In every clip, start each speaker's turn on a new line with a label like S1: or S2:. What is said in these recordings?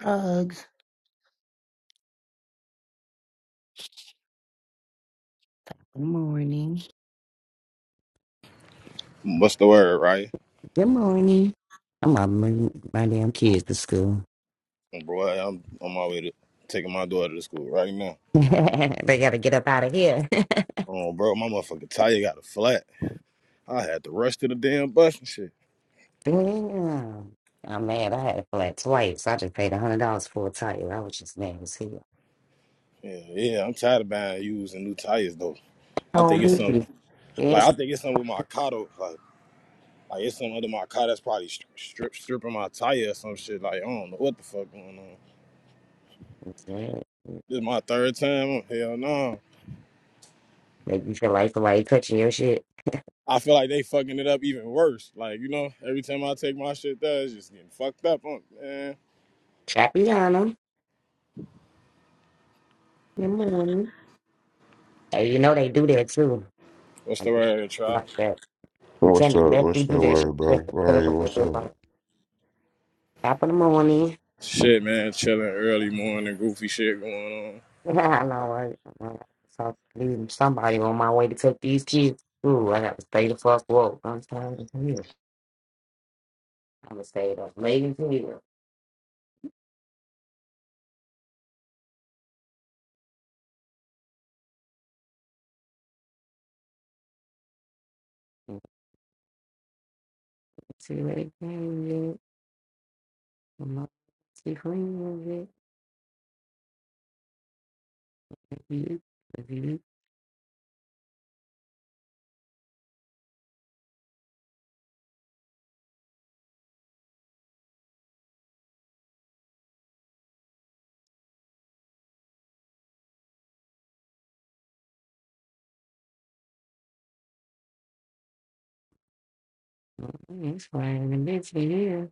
S1: Hugs. Good morning.
S2: What's the word, right?
S1: Good morning. I'm up bringing my damn kids to school.
S2: Oh, Bro, I'm on my way to taking my daughter to school right now.
S1: they gotta get up out of here.
S2: Oh, bro, my motherfucking tire got a flat. I had to rush to the damn bus and shit.
S1: Damn. I'm mad. I had a flat twice. I just paid a hundred dollars for a tire. I was just mad as hell.
S2: Yeah, yeah, I'm tired of buying used and new tires though. I
S1: Oh,
S2: think it's some,
S1: really?
S2: like
S1: Yes.
S2: I think it's something with my car though. Like, like it's some under my car that's probably stri- strip stripping my tire or some shit. Like I don't know what the fuck going on.
S1: it's bad.
S2: This is my third time. Oh, Hell no.
S1: Make you feel like somebody touching your shit.
S2: I feel like they fucking it up even worse. Like you know, every time I take my shit, there it's just getting fucked up. On man,
S1: Trapiana. Good morning. Hey, you know they do that too.
S2: what's the
S1: Like
S2: word, trap?
S1: like that.
S3: What's
S1: Lieutenant
S3: up?
S1: definitely
S3: What's
S1: do
S3: that
S1: that shit.
S3: word, bro?
S1: Set up
S3: Ryan,
S1: with a
S3: what's
S1: good
S3: up?
S1: one. Top of the morning.
S2: Shit, man, chilling early morning, goofy shit going on.
S1: Yeah, I know, right? I know. So leaving somebody on my way to take these kids. Ooh, I got to stay the fuck woke. I'm tired of here. I'm gonna stay up late as here. See late again. I'm not too clean with it. If you, if you, mm, it's fine. And eventually here.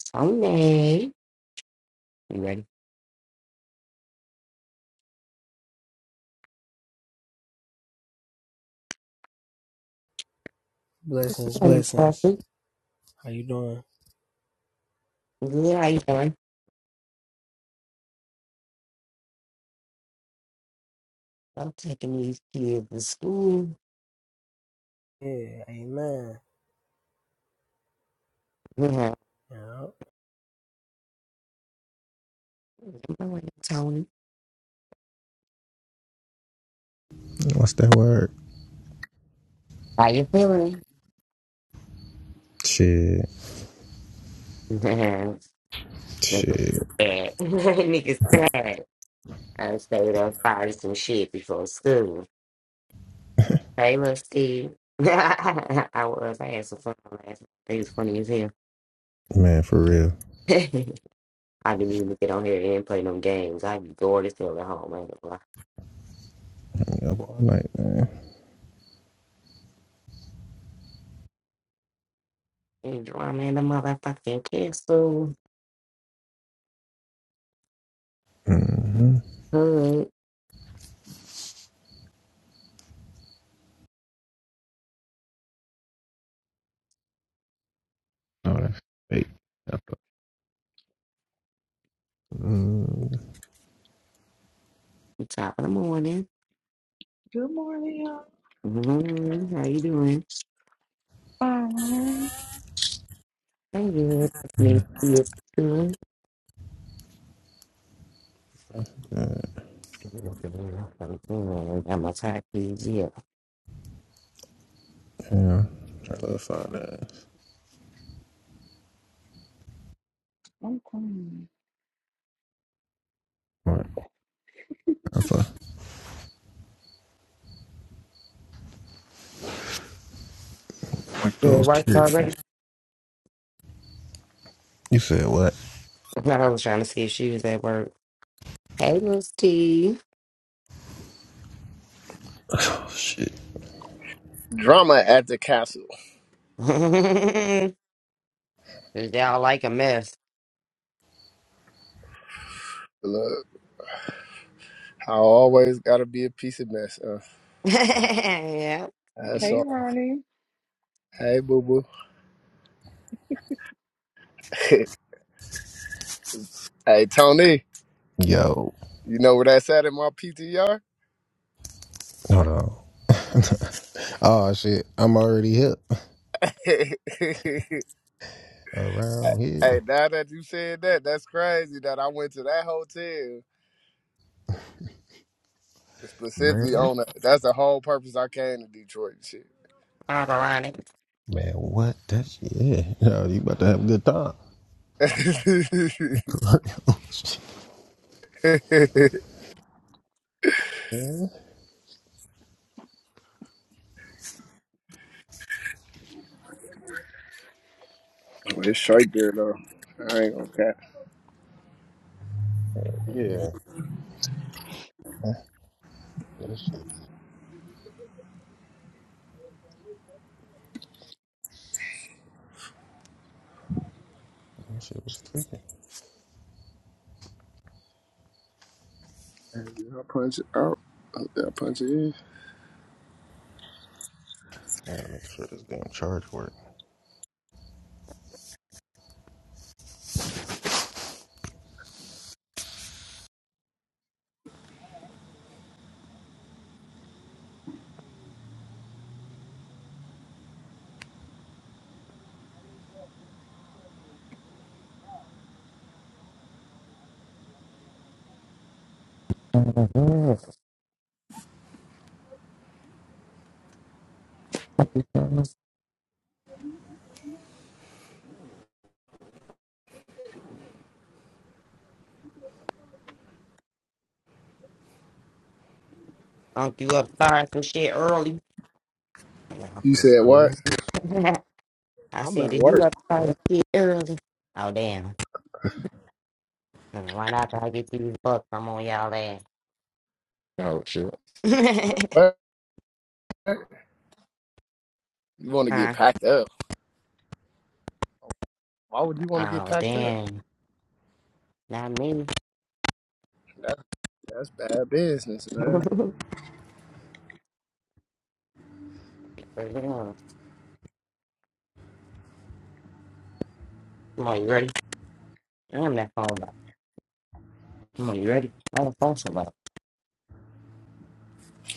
S1: Someday. You ready?
S4: Blessings,
S1: Morning,
S4: blessings.
S1: Buffy.
S4: How you doing?
S1: Yeah, how you doing? I'm taking these kids to school.
S4: Yeah, amen. Yeah.
S1: Yeah, I'm going, Tony.
S5: What's that word?
S1: How you feeling?
S5: Shit,
S1: Nigga
S5: shit,
S1: sad. Nigga sad. I stayed up fighting some shit before school. Hey, little Steve. I was. I had some fun last night. It was funny as hell.
S5: man, for real.
S1: I didn't even get on here and play no games. I be bored as hell at home. I ain't gonna lie.
S5: Yeah, all night, man.
S1: Ain't drama in the motherfucking castle.
S5: Mm-hmm.
S1: Hood.
S5: No, that's fake. That's a- Mm,
S1: Top of the morning.
S6: Good morning, y'all.
S1: Mm-hmm. How you doing?
S6: All right.
S1: I'm good. It's me. You doing?
S5: yeah,
S1: I'm a tired kid.
S5: I love find that. a,
S6: I'm coming.
S5: right. I fuck like
S1: Yeah. Good
S5: those
S1: work
S5: tears.
S1: already.
S5: You said what?
S1: I was trying to see if she was at work. Hey, little Steve.
S5: Oh shit.
S7: Drama at the castle.
S1: because they all like a mess.
S7: Look, I always gotta be a piece of mess. Uh,
S1: yeah. All
S7: that's
S6: Hey,
S7: all.
S6: Ronnie.
S7: Hey, boo boo. hey, Tony.
S5: Yo,
S7: You know where that's at in my PTR?
S5: hold on. oh shit, I'm already here
S7: hey,
S5: around here,
S7: now that you said that, that's crazy that I went to that hotel specifically
S5: man.
S7: on that. That's the whole purpose I came to Detroit and shit.
S1: ironic.
S5: Man, what? That's yeah. Yo, you about to have a good time. yeah,
S7: Well, it's straight there though. I ain't gonna cap.
S5: yeah. That shit. That shit was tweaking.
S7: Did I punch it out? Did I punch it in?
S5: I gotta make sure this damn charge work. Oh
S1: Unc, you up starting some shit early.
S7: You said what?
S1: I
S7: I'm
S1: said,
S7: at
S1: is you
S7: work.
S1: up starting shit early? Oh, damn. Well, Right after I get these bucks, I'm on y'all ass.
S5: shit.
S7: You want to get
S1: huh?
S7: packed up. Why would you want to get
S1: Oh,
S7: packed up?
S1: damn. Not me.
S7: That, that's bad business, man.
S1: Come on, you ready? I'm that phone back. Come on, you ready? I'm the phone so bro.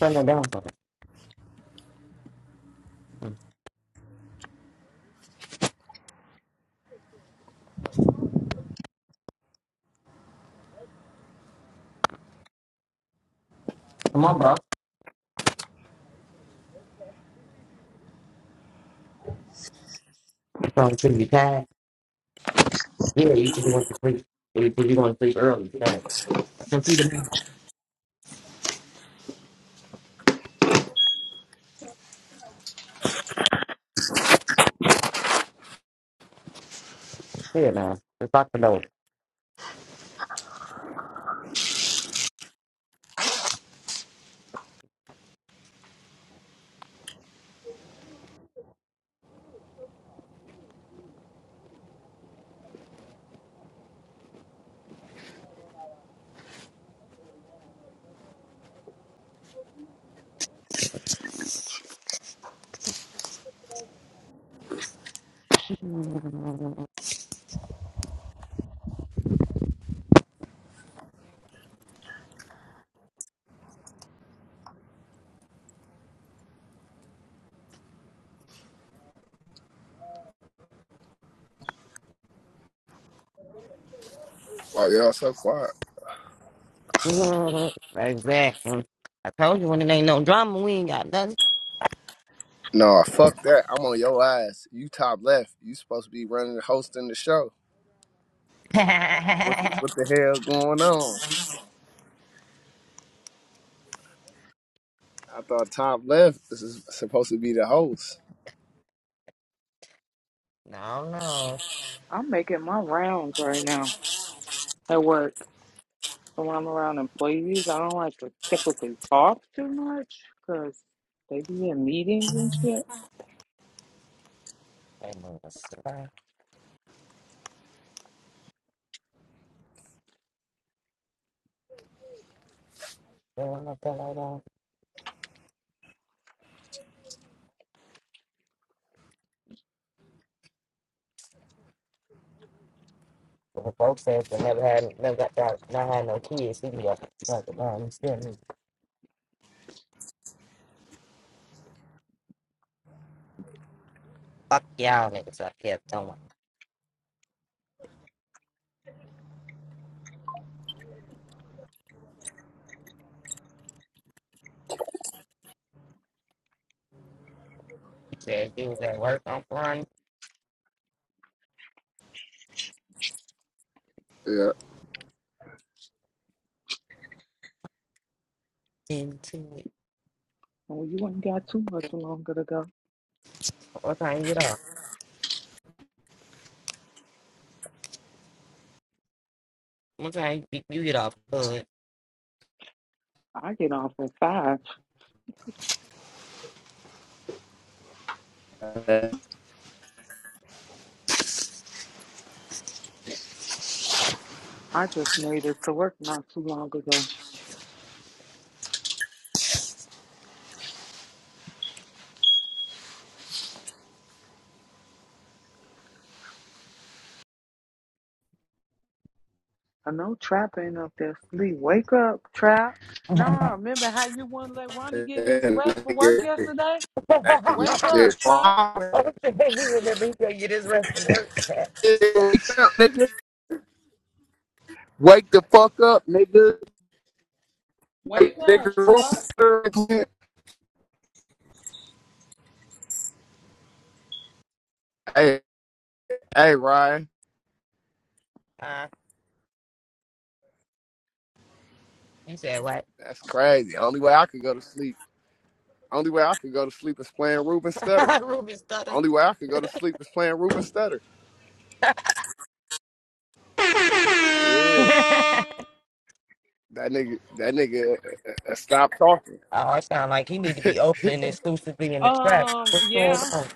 S1: Turn it down for me. Come on, bro. It's going to be tired. Yeah, you just want to sleep. You just want to sleep early tonight. I can see the man. Here now. It's like the nose.
S7: Why y'all so quiet?
S1: Exactly. I told you when it ain't no drama, we ain't got nothing.
S7: No, fuck that. I'm on your ass. You top left. You supposed to be running, hosting the show. What, what the hell going on? I thought top left is supposed to be the host.
S1: no, no.
S6: I'm making my rounds right now at work. So I'm around employees, I don't like to typically talk too much because they be in meetings and shit.
S1: They move a slide. They don't know that I don't. But the folks said they never had, never got y'all, not had no kids. He be up like, no, I'm still me. Fuck y'all niggas up here somewhere. He said he was at work on front
S7: Yeah.
S1: into it.
S6: Well, you ain't got too much longer to go.
S1: What time you get off? What time you you get off? Good.
S6: I get off at five. I just made it to work not too long ago. I know Trap ain't up there sleep. Wake up, Trap.
S1: you
S6: Nah, remember how you wouldn't let Ronnie get his
S7: And
S6: rest for work yesterday? Wake up, Trap.
S1: remember he going you get his rest from work.
S7: nigga. Wake the fuck up, nigga.
S6: Wake up, Tuck.
S7: Nigga, hey, hey, Ryan.
S1: uh, you said what?
S7: That's crazy. Only way I could go to sleep. Only way I could go to sleep is playing Ruben Stutter.
S1: Ruby stutter.
S7: Only way I could go to sleep is playing Ruben Stutter.
S1: oh,
S7: Yeah.
S1: it
S7: That nigga, that nigga uh, uh, uh, stopped talking.
S1: sound like he need to be opening exclusively in the trap.
S6: Um,
S1: What's going
S6: yeah.
S1: on?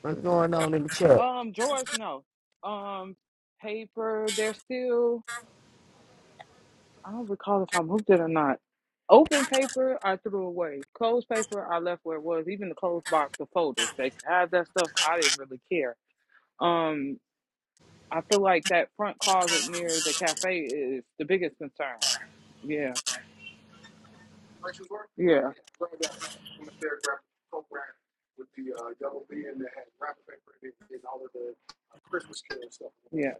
S1: What's going on in the chat?
S6: Um, Drawers, no. Um, paper, they're still, I don't recall if I moved it or not. Open paper, I threw away. Closed paper, I left where it was. Even the closed box of folders, they can have that stuff. I didn't really care. Um, I feel like that front closet near the cafe is the biggest concern. Yeah, yeah, yeah.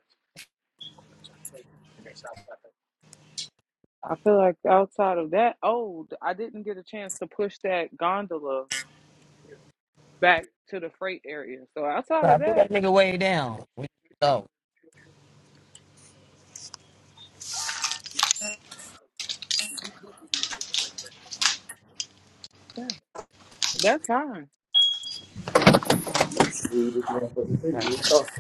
S6: I feel like outside of that, oh, I didn't get a chance to push that gondola back to the freight area. So outside
S1: So
S6: of
S1: I put
S6: that,
S1: that nigga way down. We go.
S6: yeah, that's fine.
S7: Dude, this motherfucker nigga, he talking.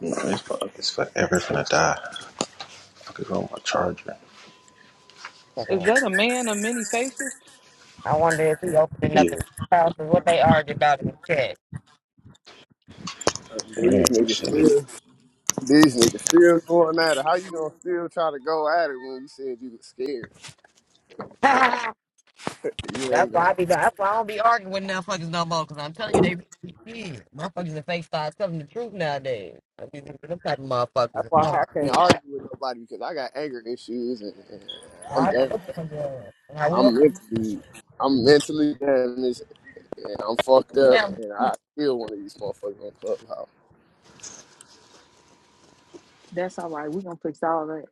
S5: No, this fuck is forever finna die. Fuck is wrong with my charger?
S6: Is that a man of many faces?
S1: I wonder if he opening
S5: Yeah.
S1: up his house and what they argued about in the chat.
S7: Uh,
S5: Man,
S7: These
S5: my
S7: niggas
S5: shit need to...
S7: still, these niggas still going at it. How you gonna still try to go at it when you said you was scared?
S1: that's
S7: You ain't gonna.
S1: why I be. That's why I don't be arguing with motherfuckers no more. Cause I'm telling you, they be shit. Motherfuckers in face start telling the truth nowadays. I be looking at them type of
S7: That's
S1: motherfuckers.
S7: why
S1: Oh,
S7: I can't
S1: shit.
S7: argue with nobody because I got anger issues and, and
S1: Well,
S7: I'm
S1: I know
S7: damaged.
S1: what the hell. Now we
S7: I'm
S1: up
S7: mentally, I'm mentally damaged and I'm fucked up,
S1: down.
S7: and I still one of these motherfuckers on Clubhouse.
S6: That's all right. We're gonna fix all that.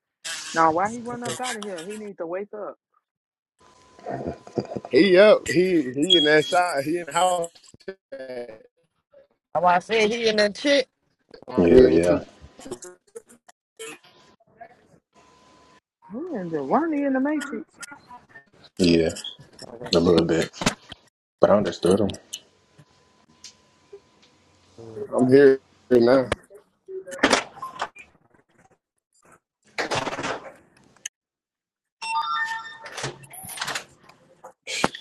S6: Now, why he run
S1: That's
S6: up out of here? He needs to wake up.
S7: He up, he he in that side, he in the house.
S1: why I said he and that chick.
S7: I'm
S5: Yeah,
S7: here too.
S5: yeah.
S6: Who in the Ronnie in the Matrix?
S5: Yeah.
S1: Have
S5: A little bit. But I understood him.
S1: a
S7: I'm here right now.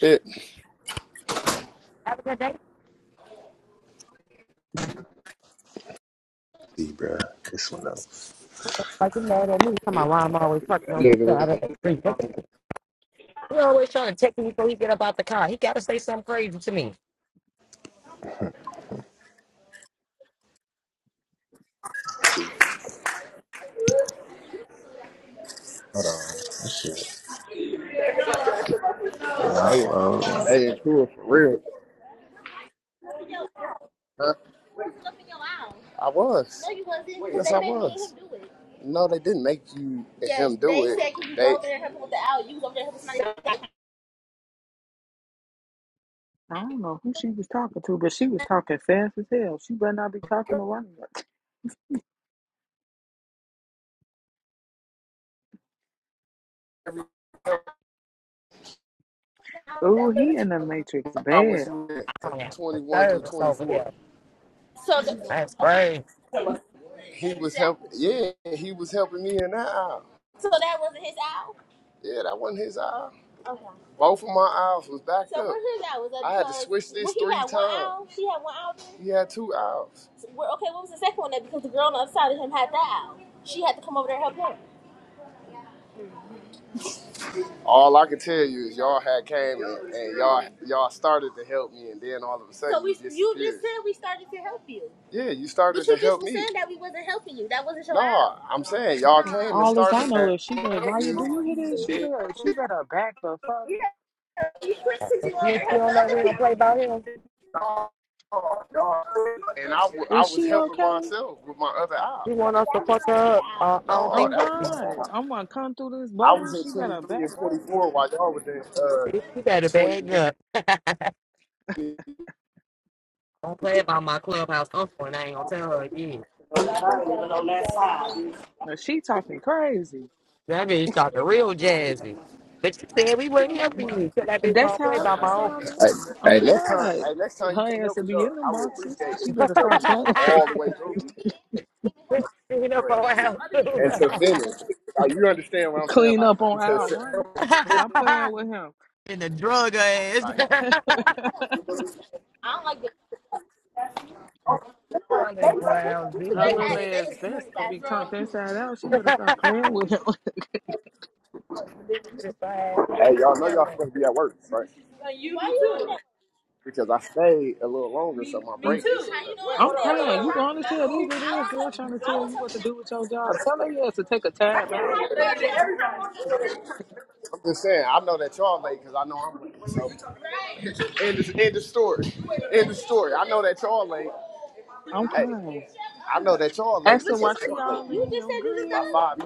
S7: Shit,
S1: good day.
S5: See, bruh. This one though.
S1: Like you mad at me? Come on,
S7: that
S1: why I'm always fucking on the side of the
S7: nigga,
S1: street. He always trying to text me before he get up out the car. He gotta say something crazy to me.
S5: Hold on. This shit. Not
S7: they
S5: low.
S7: they in tour for real. Huh? I was. No, you wasn't. Yes, I was. No, they didn't make you and him do it. they, said you go over there and help him with the owl. You was there there
S6: I don't know who she was talking to, but she was talking fast as hell. She better not be talking to Ronnie. Oh,
S7: helping with
S6: he
S7: with the
S6: in the Matrix
S7: the How was
S6: bad.
S7: you? in?
S1: I
S7: 'Cause
S1: don't have no
S7: Twenty-one through
S1: service over
S7: twenty-four.
S1: here.
S7: So. the,
S1: That's
S7: okay.
S1: crazy.
S7: He was helping. Yeah, he was helping me in that aisle. So that wasn't his aisle. Yeah, that wasn't his aisle. Okay. Both of my aisles was backed so up. So where his aisle was at I had to because- switch this well, he three had one times. aisle? She had one aisle. Then? He had two aisles. So, well, okay, what was the second one? Then because the girl on the other side of him had that aisle. She had to come over there and help him. All I can tell you is y'all had came and, and y'all y'all started to help me, and then all of a sudden so we, you disappeared. You just said we started to help you. Yeah, you started but to you just help was me. saying that we wasn't helping you. That wasn't your. No, out. I'm saying y'all came and
S6: All this I
S7: started.
S6: know
S7: to-
S6: is she been. Why you do you hear this? She
S7: Yeah,
S6: better. She better back the fuck. up.
S7: you quit 'cause
S1: But
S7: you wanted
S1: you
S7: to help the
S1: don't know
S7: other
S1: we don't play
S7: people.
S1: about him.
S7: And I, wa- I
S6: Is
S7: was
S6: she
S7: helping
S6: okay?
S7: myself with my other eye.
S1: You
S7: That
S1: want us to
S7: was
S1: fuck
S7: your
S1: up? Uh,
S7: out.
S1: I don't
S7: No,
S1: think
S6: Oh
S7: that
S6: God,
S7: was.
S6: I'm gonna come through this
S7: I was
S6: bubble.
S7: in
S6: She better
S7: 23 and
S6: back up.
S7: 44 while y'all was in uh
S1: bitch, you better bag
S7: 20.
S1: up. Don't play about my clubhouse uncle, and I ain't gonna tell her again.
S6: Now, She talking crazy.
S1: That bitch talking real jazzy. But you said we wouldn't help
S6: Wha-
S1: you. So that bitch
S6: That's
S1: don't play
S6: how I
S1: by
S6: be
S1: my
S6: sounding. when I- Oh
S7: Next time,
S6: God,
S7: hey, next time you can
S6: her ass
S7: help
S6: to
S7: me though,
S6: be in them
S7: I would
S6: boxes.
S7: appreciate if
S6: She
S7: you
S6: better
S7: help me
S1: uncle.
S6: stop playing.
S7: like all the way through.
S1: you know,
S7: But,
S1: for a house too.
S7: and to finish, like you understand what I'm saying?
S6: Clean
S7: Like
S6: up on
S7: until
S6: Al
S7: finish,
S6: Ronnie. Stop playing with him.
S1: and the drug ass.
S7: like,
S1: I'm just lousy.
S6: Her little ass vest gonna be turned inside out. She better stop playing with him.
S1: If I had
S7: hey, y'all know y'all
S1: Kelly,
S7: supposed to be at work, right? Because I stayed a little longer, so my break. is-
S6: I'm crying. You going to tell these little ass girl trying to tell you what to do with your job. Tell her ass to take a time out.
S7: I'm just saying, I know that y'all late because I know I'm late. So end the, end the story. End the story. I know that y'all late.
S6: I'm
S7: Hey,
S6: crying.
S7: I know that y'all late
S6: Ask her
S7: What you
S6: why
S7: because
S6: she all
S7: you
S6: in
S7: just
S6: your
S7: said you just got
S6: grill.
S7: five.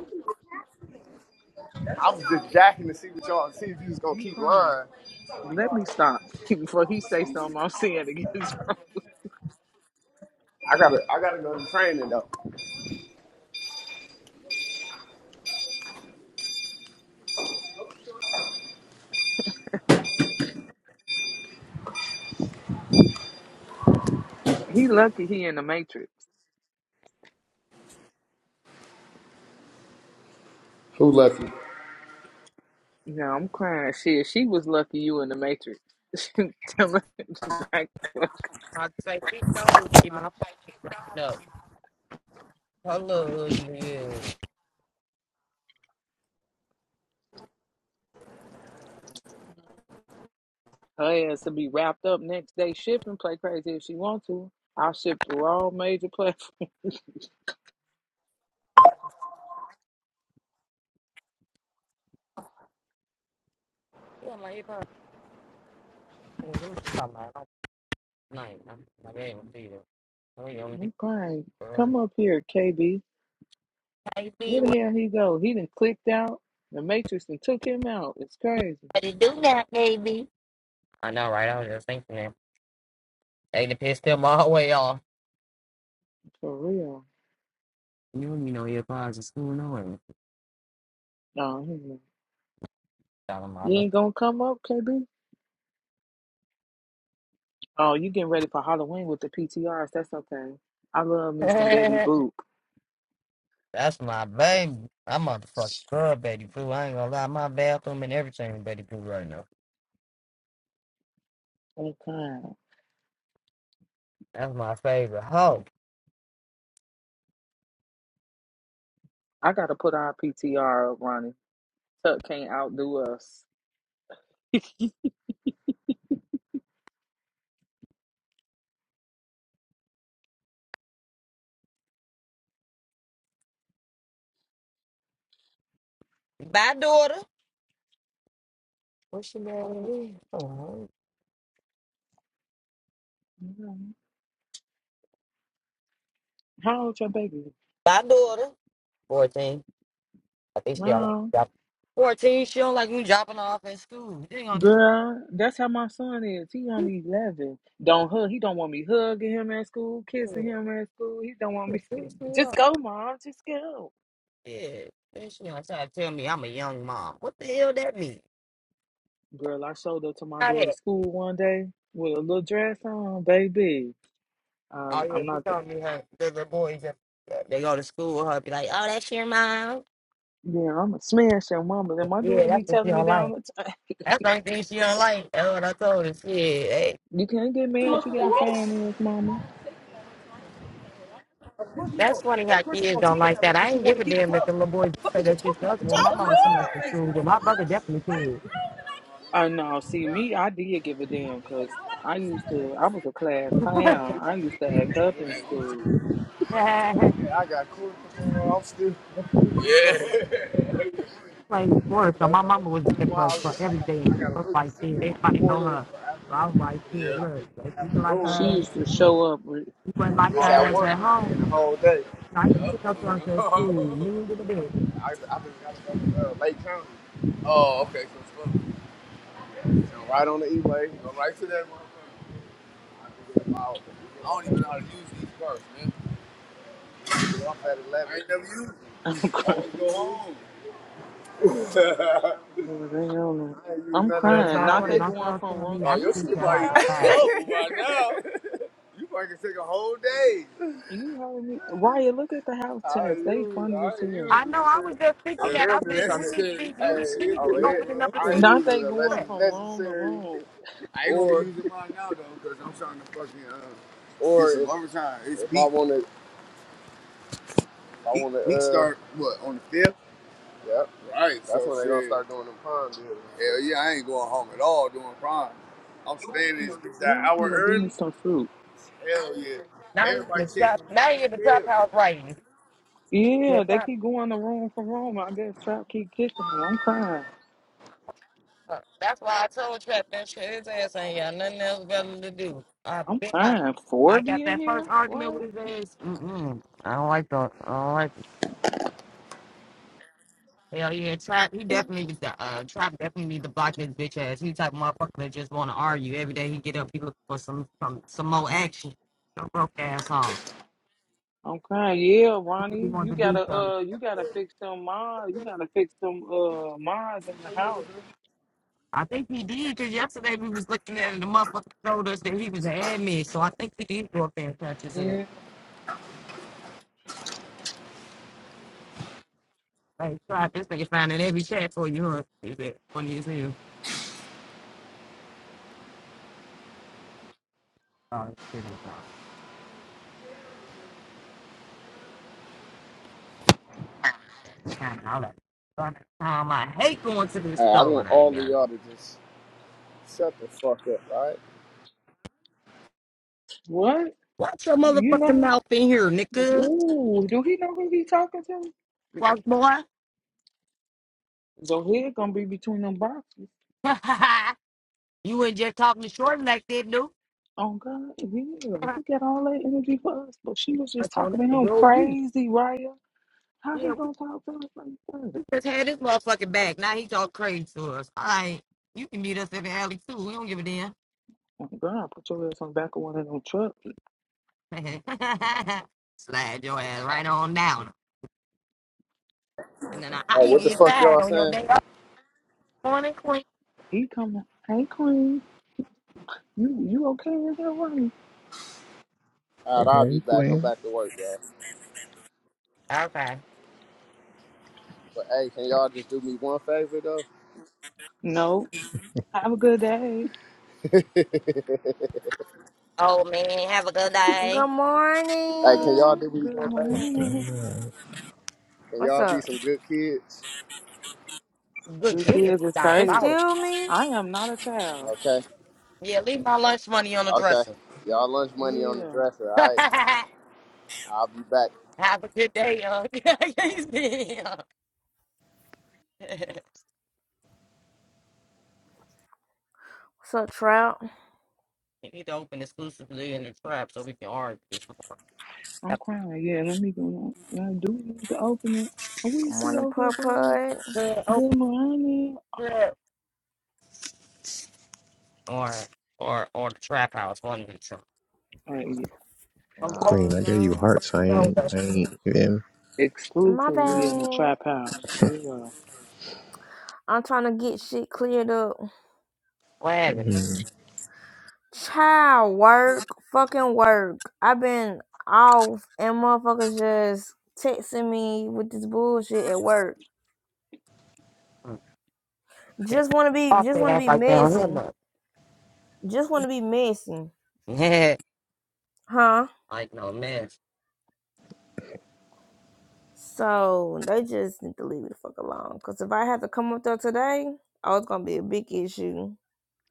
S7: I was just jacking to see what y'all see if you was gonna
S6: I'm
S7: keep
S6: crying.
S7: lying.
S6: Let me stop before he say something I'm seeing against
S7: I gotta, I gotta go to training though.
S6: her. He lucky he in the matrix.
S7: Who left you?
S6: No, I'm crying. Shit, she was lucky you in the matrix. Tell her to back the fuck.
S1: I'd say she don't keep my fucking up. Her little ugly ass.
S6: Her ass to be wrapped up next day shipping, play crazy if she want to. I'll ship through all major platforms.
S1: Yeah, like, if I- night. I'm like, I ain't gonna
S6: I'm crying. Come up here, KB. Where
S1: Baby, what
S6: the hell he go? He done clicked out. The Matrix and took him out. It's crazy.
S1: to do now, baby? I know, right? I was just thinking that. They the piss them all way off.
S6: For real.
S1: You don't even know your parents is school nowhere.
S6: No, he not.
S1: Dollar
S6: You
S1: mama.
S6: ain't gonna come up, KB? Oh, you getting ready for Halloween with the PTRs. That's okay. I love me some Betty Boop.
S1: That's my baby. I motherfucking love Betty Pooh. I ain't gonna lie, my bathroom and everything is Betty Pooh right now.
S6: Okay.
S1: That's my favorite hoe.
S6: I gotta put our PTR up, Ronnie. Tuck can't outdo us.
S1: my daughter. What's your name? Oh,
S6: How old your baby?
S1: my daughter. 14. At least she don't like
S6: No.
S1: drop. Fourteen, she don't like me dropping her off at school. She gonna tell
S6: Girl, that's how my son is. He
S1: me
S6: only eleven. Don't hug. He don't want me hugging him at school, kissing
S1: shit.
S6: him at school. He don't want
S1: She a
S6: me.
S1: piece
S6: Just go, mom. Just go.
S1: Yeah. Then she gonna try to tell me I'm a young mom. What the hell that mean?
S6: Girl, I showed up to my
S1: How
S6: daughter's
S1: that?
S6: school one day with a little dress on, baby.
S1: Oh
S6: Um,
S1: yeah,
S6: I'm
S1: she
S6: not the.
S1: told me her the little boys that they go to school with her be like, Oh, that's your mom.
S6: Yeah, I'm a smash your mama. And my
S1: Yeah,
S6: daughter be
S1: that's what she
S6: telling me
S1: don't
S6: down
S1: like.
S6: the time,
S1: That's the only thing she don't like. That's what I told her. Shit. Hey,
S6: you can't get mad. You got a fine ass mama.
S7: Of course you
S1: that's
S7: gonna,
S1: funny how
S7: of course you
S1: kids
S7: gonna
S1: don't
S7: take it
S1: like
S7: that way
S1: that. I
S7: because you
S1: ain't
S7: want
S1: give
S7: to
S1: a
S7: get
S1: damn if the
S7: fucked.
S1: little boy
S7: What the fuck
S1: say
S7: did you
S1: that shit
S7: talking
S1: to us
S7: about? Get
S1: when
S7: your
S1: my
S7: Of dumb
S1: mama come up to
S7: course. face,
S1: school, but my brother
S7: my
S1: definitely
S6: Oh no, see me, I did give a damn because I used to. I was a class clown. I used to act up in school.
S1: did.
S7: Yeah, I got cool. I'm still. Yeah.
S1: playing sports, so
S7: That's
S1: my
S7: the only
S1: mama was
S7: reason
S1: there
S7: why
S1: for, for
S7: I
S1: every
S7: got
S1: day.
S7: I
S1: I
S7: gotta
S1: was
S7: look to
S1: like,
S7: see
S1: shit,
S7: if
S1: they
S7: it's
S1: probably know
S7: morning
S1: her.
S7: or
S1: So I was
S7: afternoon.
S1: like,
S7: Yeah.
S1: shit,
S7: I
S1: look,
S7: think
S1: like
S7: it's
S1: you can like
S7: afternoon
S6: She
S7: though.
S1: us,
S6: used to show up with
S1: you wouldn't
S7: it's
S1: like
S7: at
S1: us
S7: work,
S1: at home.
S7: the whole day.
S1: Nice to
S7: Yep.
S1: pick up to us at
S7: Oh,
S1: school, mean to the bitch.
S7: I, I just gotta go to uh, Lake County. oh okay. So it's fun. Yeah, so right on the E-way. Go right to that motherfucker. I can get about, I don't even know how to use these cars, man. get off at 11. I ain't never used them.
S6: I'm crying.
S7: Always go home.
S6: Boy, they on it.
S7: I ain't used
S6: I'm
S7: none of
S1: Like,
S7: that
S1: yeah,
S6: crying.
S1: my
S7: time
S6: Not
S1: daughter
S6: they
S7: yet.
S1: gonna
S6: going
S1: start
S6: from
S1: tell
S6: wrong.
S1: me
S7: oh,
S1: I can
S7: your
S6: You
S1: teach
S6: see
S7: shit
S1: her
S6: the
S7: might
S1: how
S7: be
S1: to
S6: house
S1: fast.
S6: chat.
S7: double by now. You fucking take a whole day.
S6: You heard me. Raya, look at the house
S7: I
S6: chats. They
S7: use
S6: funny
S7: I
S6: as hell.
S7: use
S1: I know,
S7: it.
S1: I
S7: say
S1: was just thinking
S7: I'm Uh, damn
S1: that. I
S7: near
S1: said, do we need
S7: necessary.
S1: to be, do
S7: trying to hey
S1: we, need to
S7: oh
S1: be
S7: Come it,
S1: opening up a
S7: I
S1: school
S7: ain't
S1: to the
S6: Not
S7: using
S6: they
S7: it unless
S6: going
S1: press?"
S7: it's
S6: from wrong to
S7: necessary
S6: wrong.
S7: I ain't or, gonna be using mine now though, cause I'm trying to fucking uh, get or get some if overtime. It's if peak, I wanna I wanna peak uh start what on the fifth, Yep. right? that's So when they gonna start doing them prime. deals Hell yeah, I ain't going home at all doing prime. I'm staying in that
S6: You
S7: hour
S6: gonna give me
S7: early.
S6: some fruit.
S7: Hell yeah.
S1: Now he in
S7: Everybody
S1: the
S7: checking
S1: top,
S7: me.
S1: now he
S7: That's
S1: in the top
S7: hell.
S1: house writing. Yeah,
S6: Yeah, they
S1: top
S6: keep going to wrong from wrong. I guess Trap keep kicking them. I'm crying.
S1: Uh, That's why I told Trap that shit. His ass ain't got nothing else better to do. I
S6: I'm
S1: bet I,
S6: crying. Four
S1: I
S6: in
S1: got that
S6: here?
S1: first argument with
S6: What?
S1: his ass. Mm-mm. I don't like the. I don't like the. Hell yeah, Trap. He definitely needs to. Uh, Trap definitely need to block his bitch ass. He type of motherfucker that just want to argue every day. He get up, he look for some some some more action. Your broke ass on.
S6: I'm crying. Yeah,
S1: He really
S6: Ronnie. You
S1: wanted to do
S6: gotta
S1: something.
S6: uh you gotta fix them mods. You gotta fix them uh mods in the house.
S1: I think he did because yesterday we was looking at it, and the motherfucker told us that he was an admin. So I think he did go up there and touch his ass.
S6: Yeah,
S1: Hey, Rob, this nigga finding every chat for you, huh? Is it funny as hell? Oh, this shit ain't funny. Time and all that. Um, I hate going to this
S7: Hey, I
S1: store
S7: want
S1: and I
S7: all
S1: ain't
S7: of
S1: got
S7: y'all
S1: no.
S7: to just Shut the fuck up, alright?
S6: What?
S1: Watch your
S6: You know?
S1: motherfucking mouth in here, nigga.
S6: Ooh, do he know who he talking to?
S1: Fuck boy.
S6: So head gonna be between them boxes.
S1: you ain't just talking short like that, dude.
S6: Oh God, yeah. He
S1: I
S6: got all that energy for us, but she was just
S1: on
S6: talking
S1: up
S6: to
S1: the
S6: him
S1: road, you.
S6: crazy, Raya. How he
S1: Yeah,
S6: gonna talk to us like that?
S1: we just had this motherfucking back. Now he talk crazy to us. All right, you can meet us at the alley too. We don't give a damn.
S6: Oh God, put your ass on the back of one of them trucks.
S1: Slide your ass right on down. And then I, how
S7: Hey,
S1: you
S7: what the
S1: get
S7: fuck y'all
S1: fired on your
S7: saying?
S1: day Morning, Queen.
S6: He coming. Hey Queen, you you okay with that one?
S7: Alright, I'll be
S5: Hey,
S7: back. I'm
S5: Queen.
S7: back to work, y'all.
S1: Okay.
S7: But hey, can y'all just do me one favor though?
S6: No. Have a good day.
S1: Oh man, have a good day.
S8: Good
S7: Hey, can y'all
S8: morning.
S7: do me
S6: Good
S7: one
S1: Stop it.
S7: favor?
S1: Lord.
S6: morning.
S5: Uh,
S7: Can
S8: What's
S7: y'all be
S8: up?
S7: some good kids?
S1: Good
S6: Good
S1: kid.
S6: kids
S1: It's
S6: is crazy.
S1: diabolical.
S8: Excuse me.
S6: I am not a child.
S7: Okay.
S1: Yeah, leave my lunch money on the
S7: Okay.
S1: dresser.
S7: Y'all lunch money on the
S6: Yeah.
S7: dresser, alright?
S1: have
S7: I'll be back.
S1: a good day, young. Yeah.
S8: What's up, Trout?
S1: you need to open exclusively in the trap so we can argue this more.
S6: I'm
S1: Yep.
S6: crying. like, Yeah, let me go. Now, do we need to open it? Are we
S8: Good
S6: sit
S8: morning,
S6: over here
S8: Pud
S6: for
S8: Pud.
S1: Good,
S6: good
S1: Open
S6: morning?
S1: trap. Or or or the trap house, one of the two.
S6: Like,
S1: I'm hoping
S5: Queen, I gave you
S8: Oh,
S5: hearts. I
S1: you know
S5: ain't.
S1: the
S5: I ain't. You feel me?
S8: Lord. My
S6: exclusively in the
S8: bad.
S6: trap house. Yeah.
S8: I'm trying to get shit cleared up.
S1: wagon.
S5: Mm-hmm.
S8: Child work, fucking work. I've been off and motherfuckers just texting me with this bullshit at work.
S1: Mm.
S8: Just want to be,
S1: Off
S8: just
S1: their
S8: want to
S1: ass
S8: be
S1: like down here,
S8: messy.
S1: look.
S8: Just want to be messy,
S1: Yeah.
S8: huh?
S1: Like no mess.
S8: So they just need to leave me the fuck alone. Cause if I had to come up there today, oh, it's gonna be a big issue.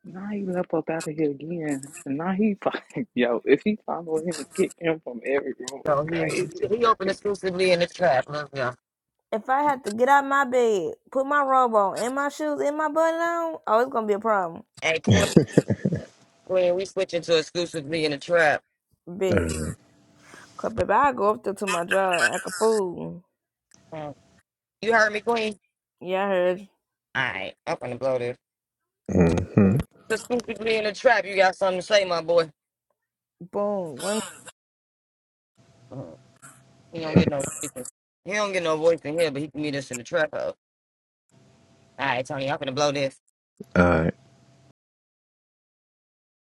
S6: Now he left up out of here again. And now he, fo- yo, if he follow him and kick him from every room, it's
S1: So he
S6: crazy.
S1: he opened exclusively in the trap. Love y'all.
S8: If I had to get out my bed, put my robe on, and my shoes, and my button on, oh, it's gonna be a problem.
S1: Hey Queen, Queen, we switching to exclusively in the trap.
S8: Big.
S5: Alright.
S8: Cause if I go up there to my job, act a fool.
S1: Mm. You heard me, Queen?
S8: Yeah, I heard.
S1: Alright, I'm gonna blow this.
S5: Mm-hmm.
S1: Exclusively in the trap, you got something to say, my boy.
S8: Boom. One
S1: Mm. He don't get no voice. in- He don't get no voice in here, but he can meet us in the trap house. Alright, Tony, I'm gonna blow this.
S5: Alright.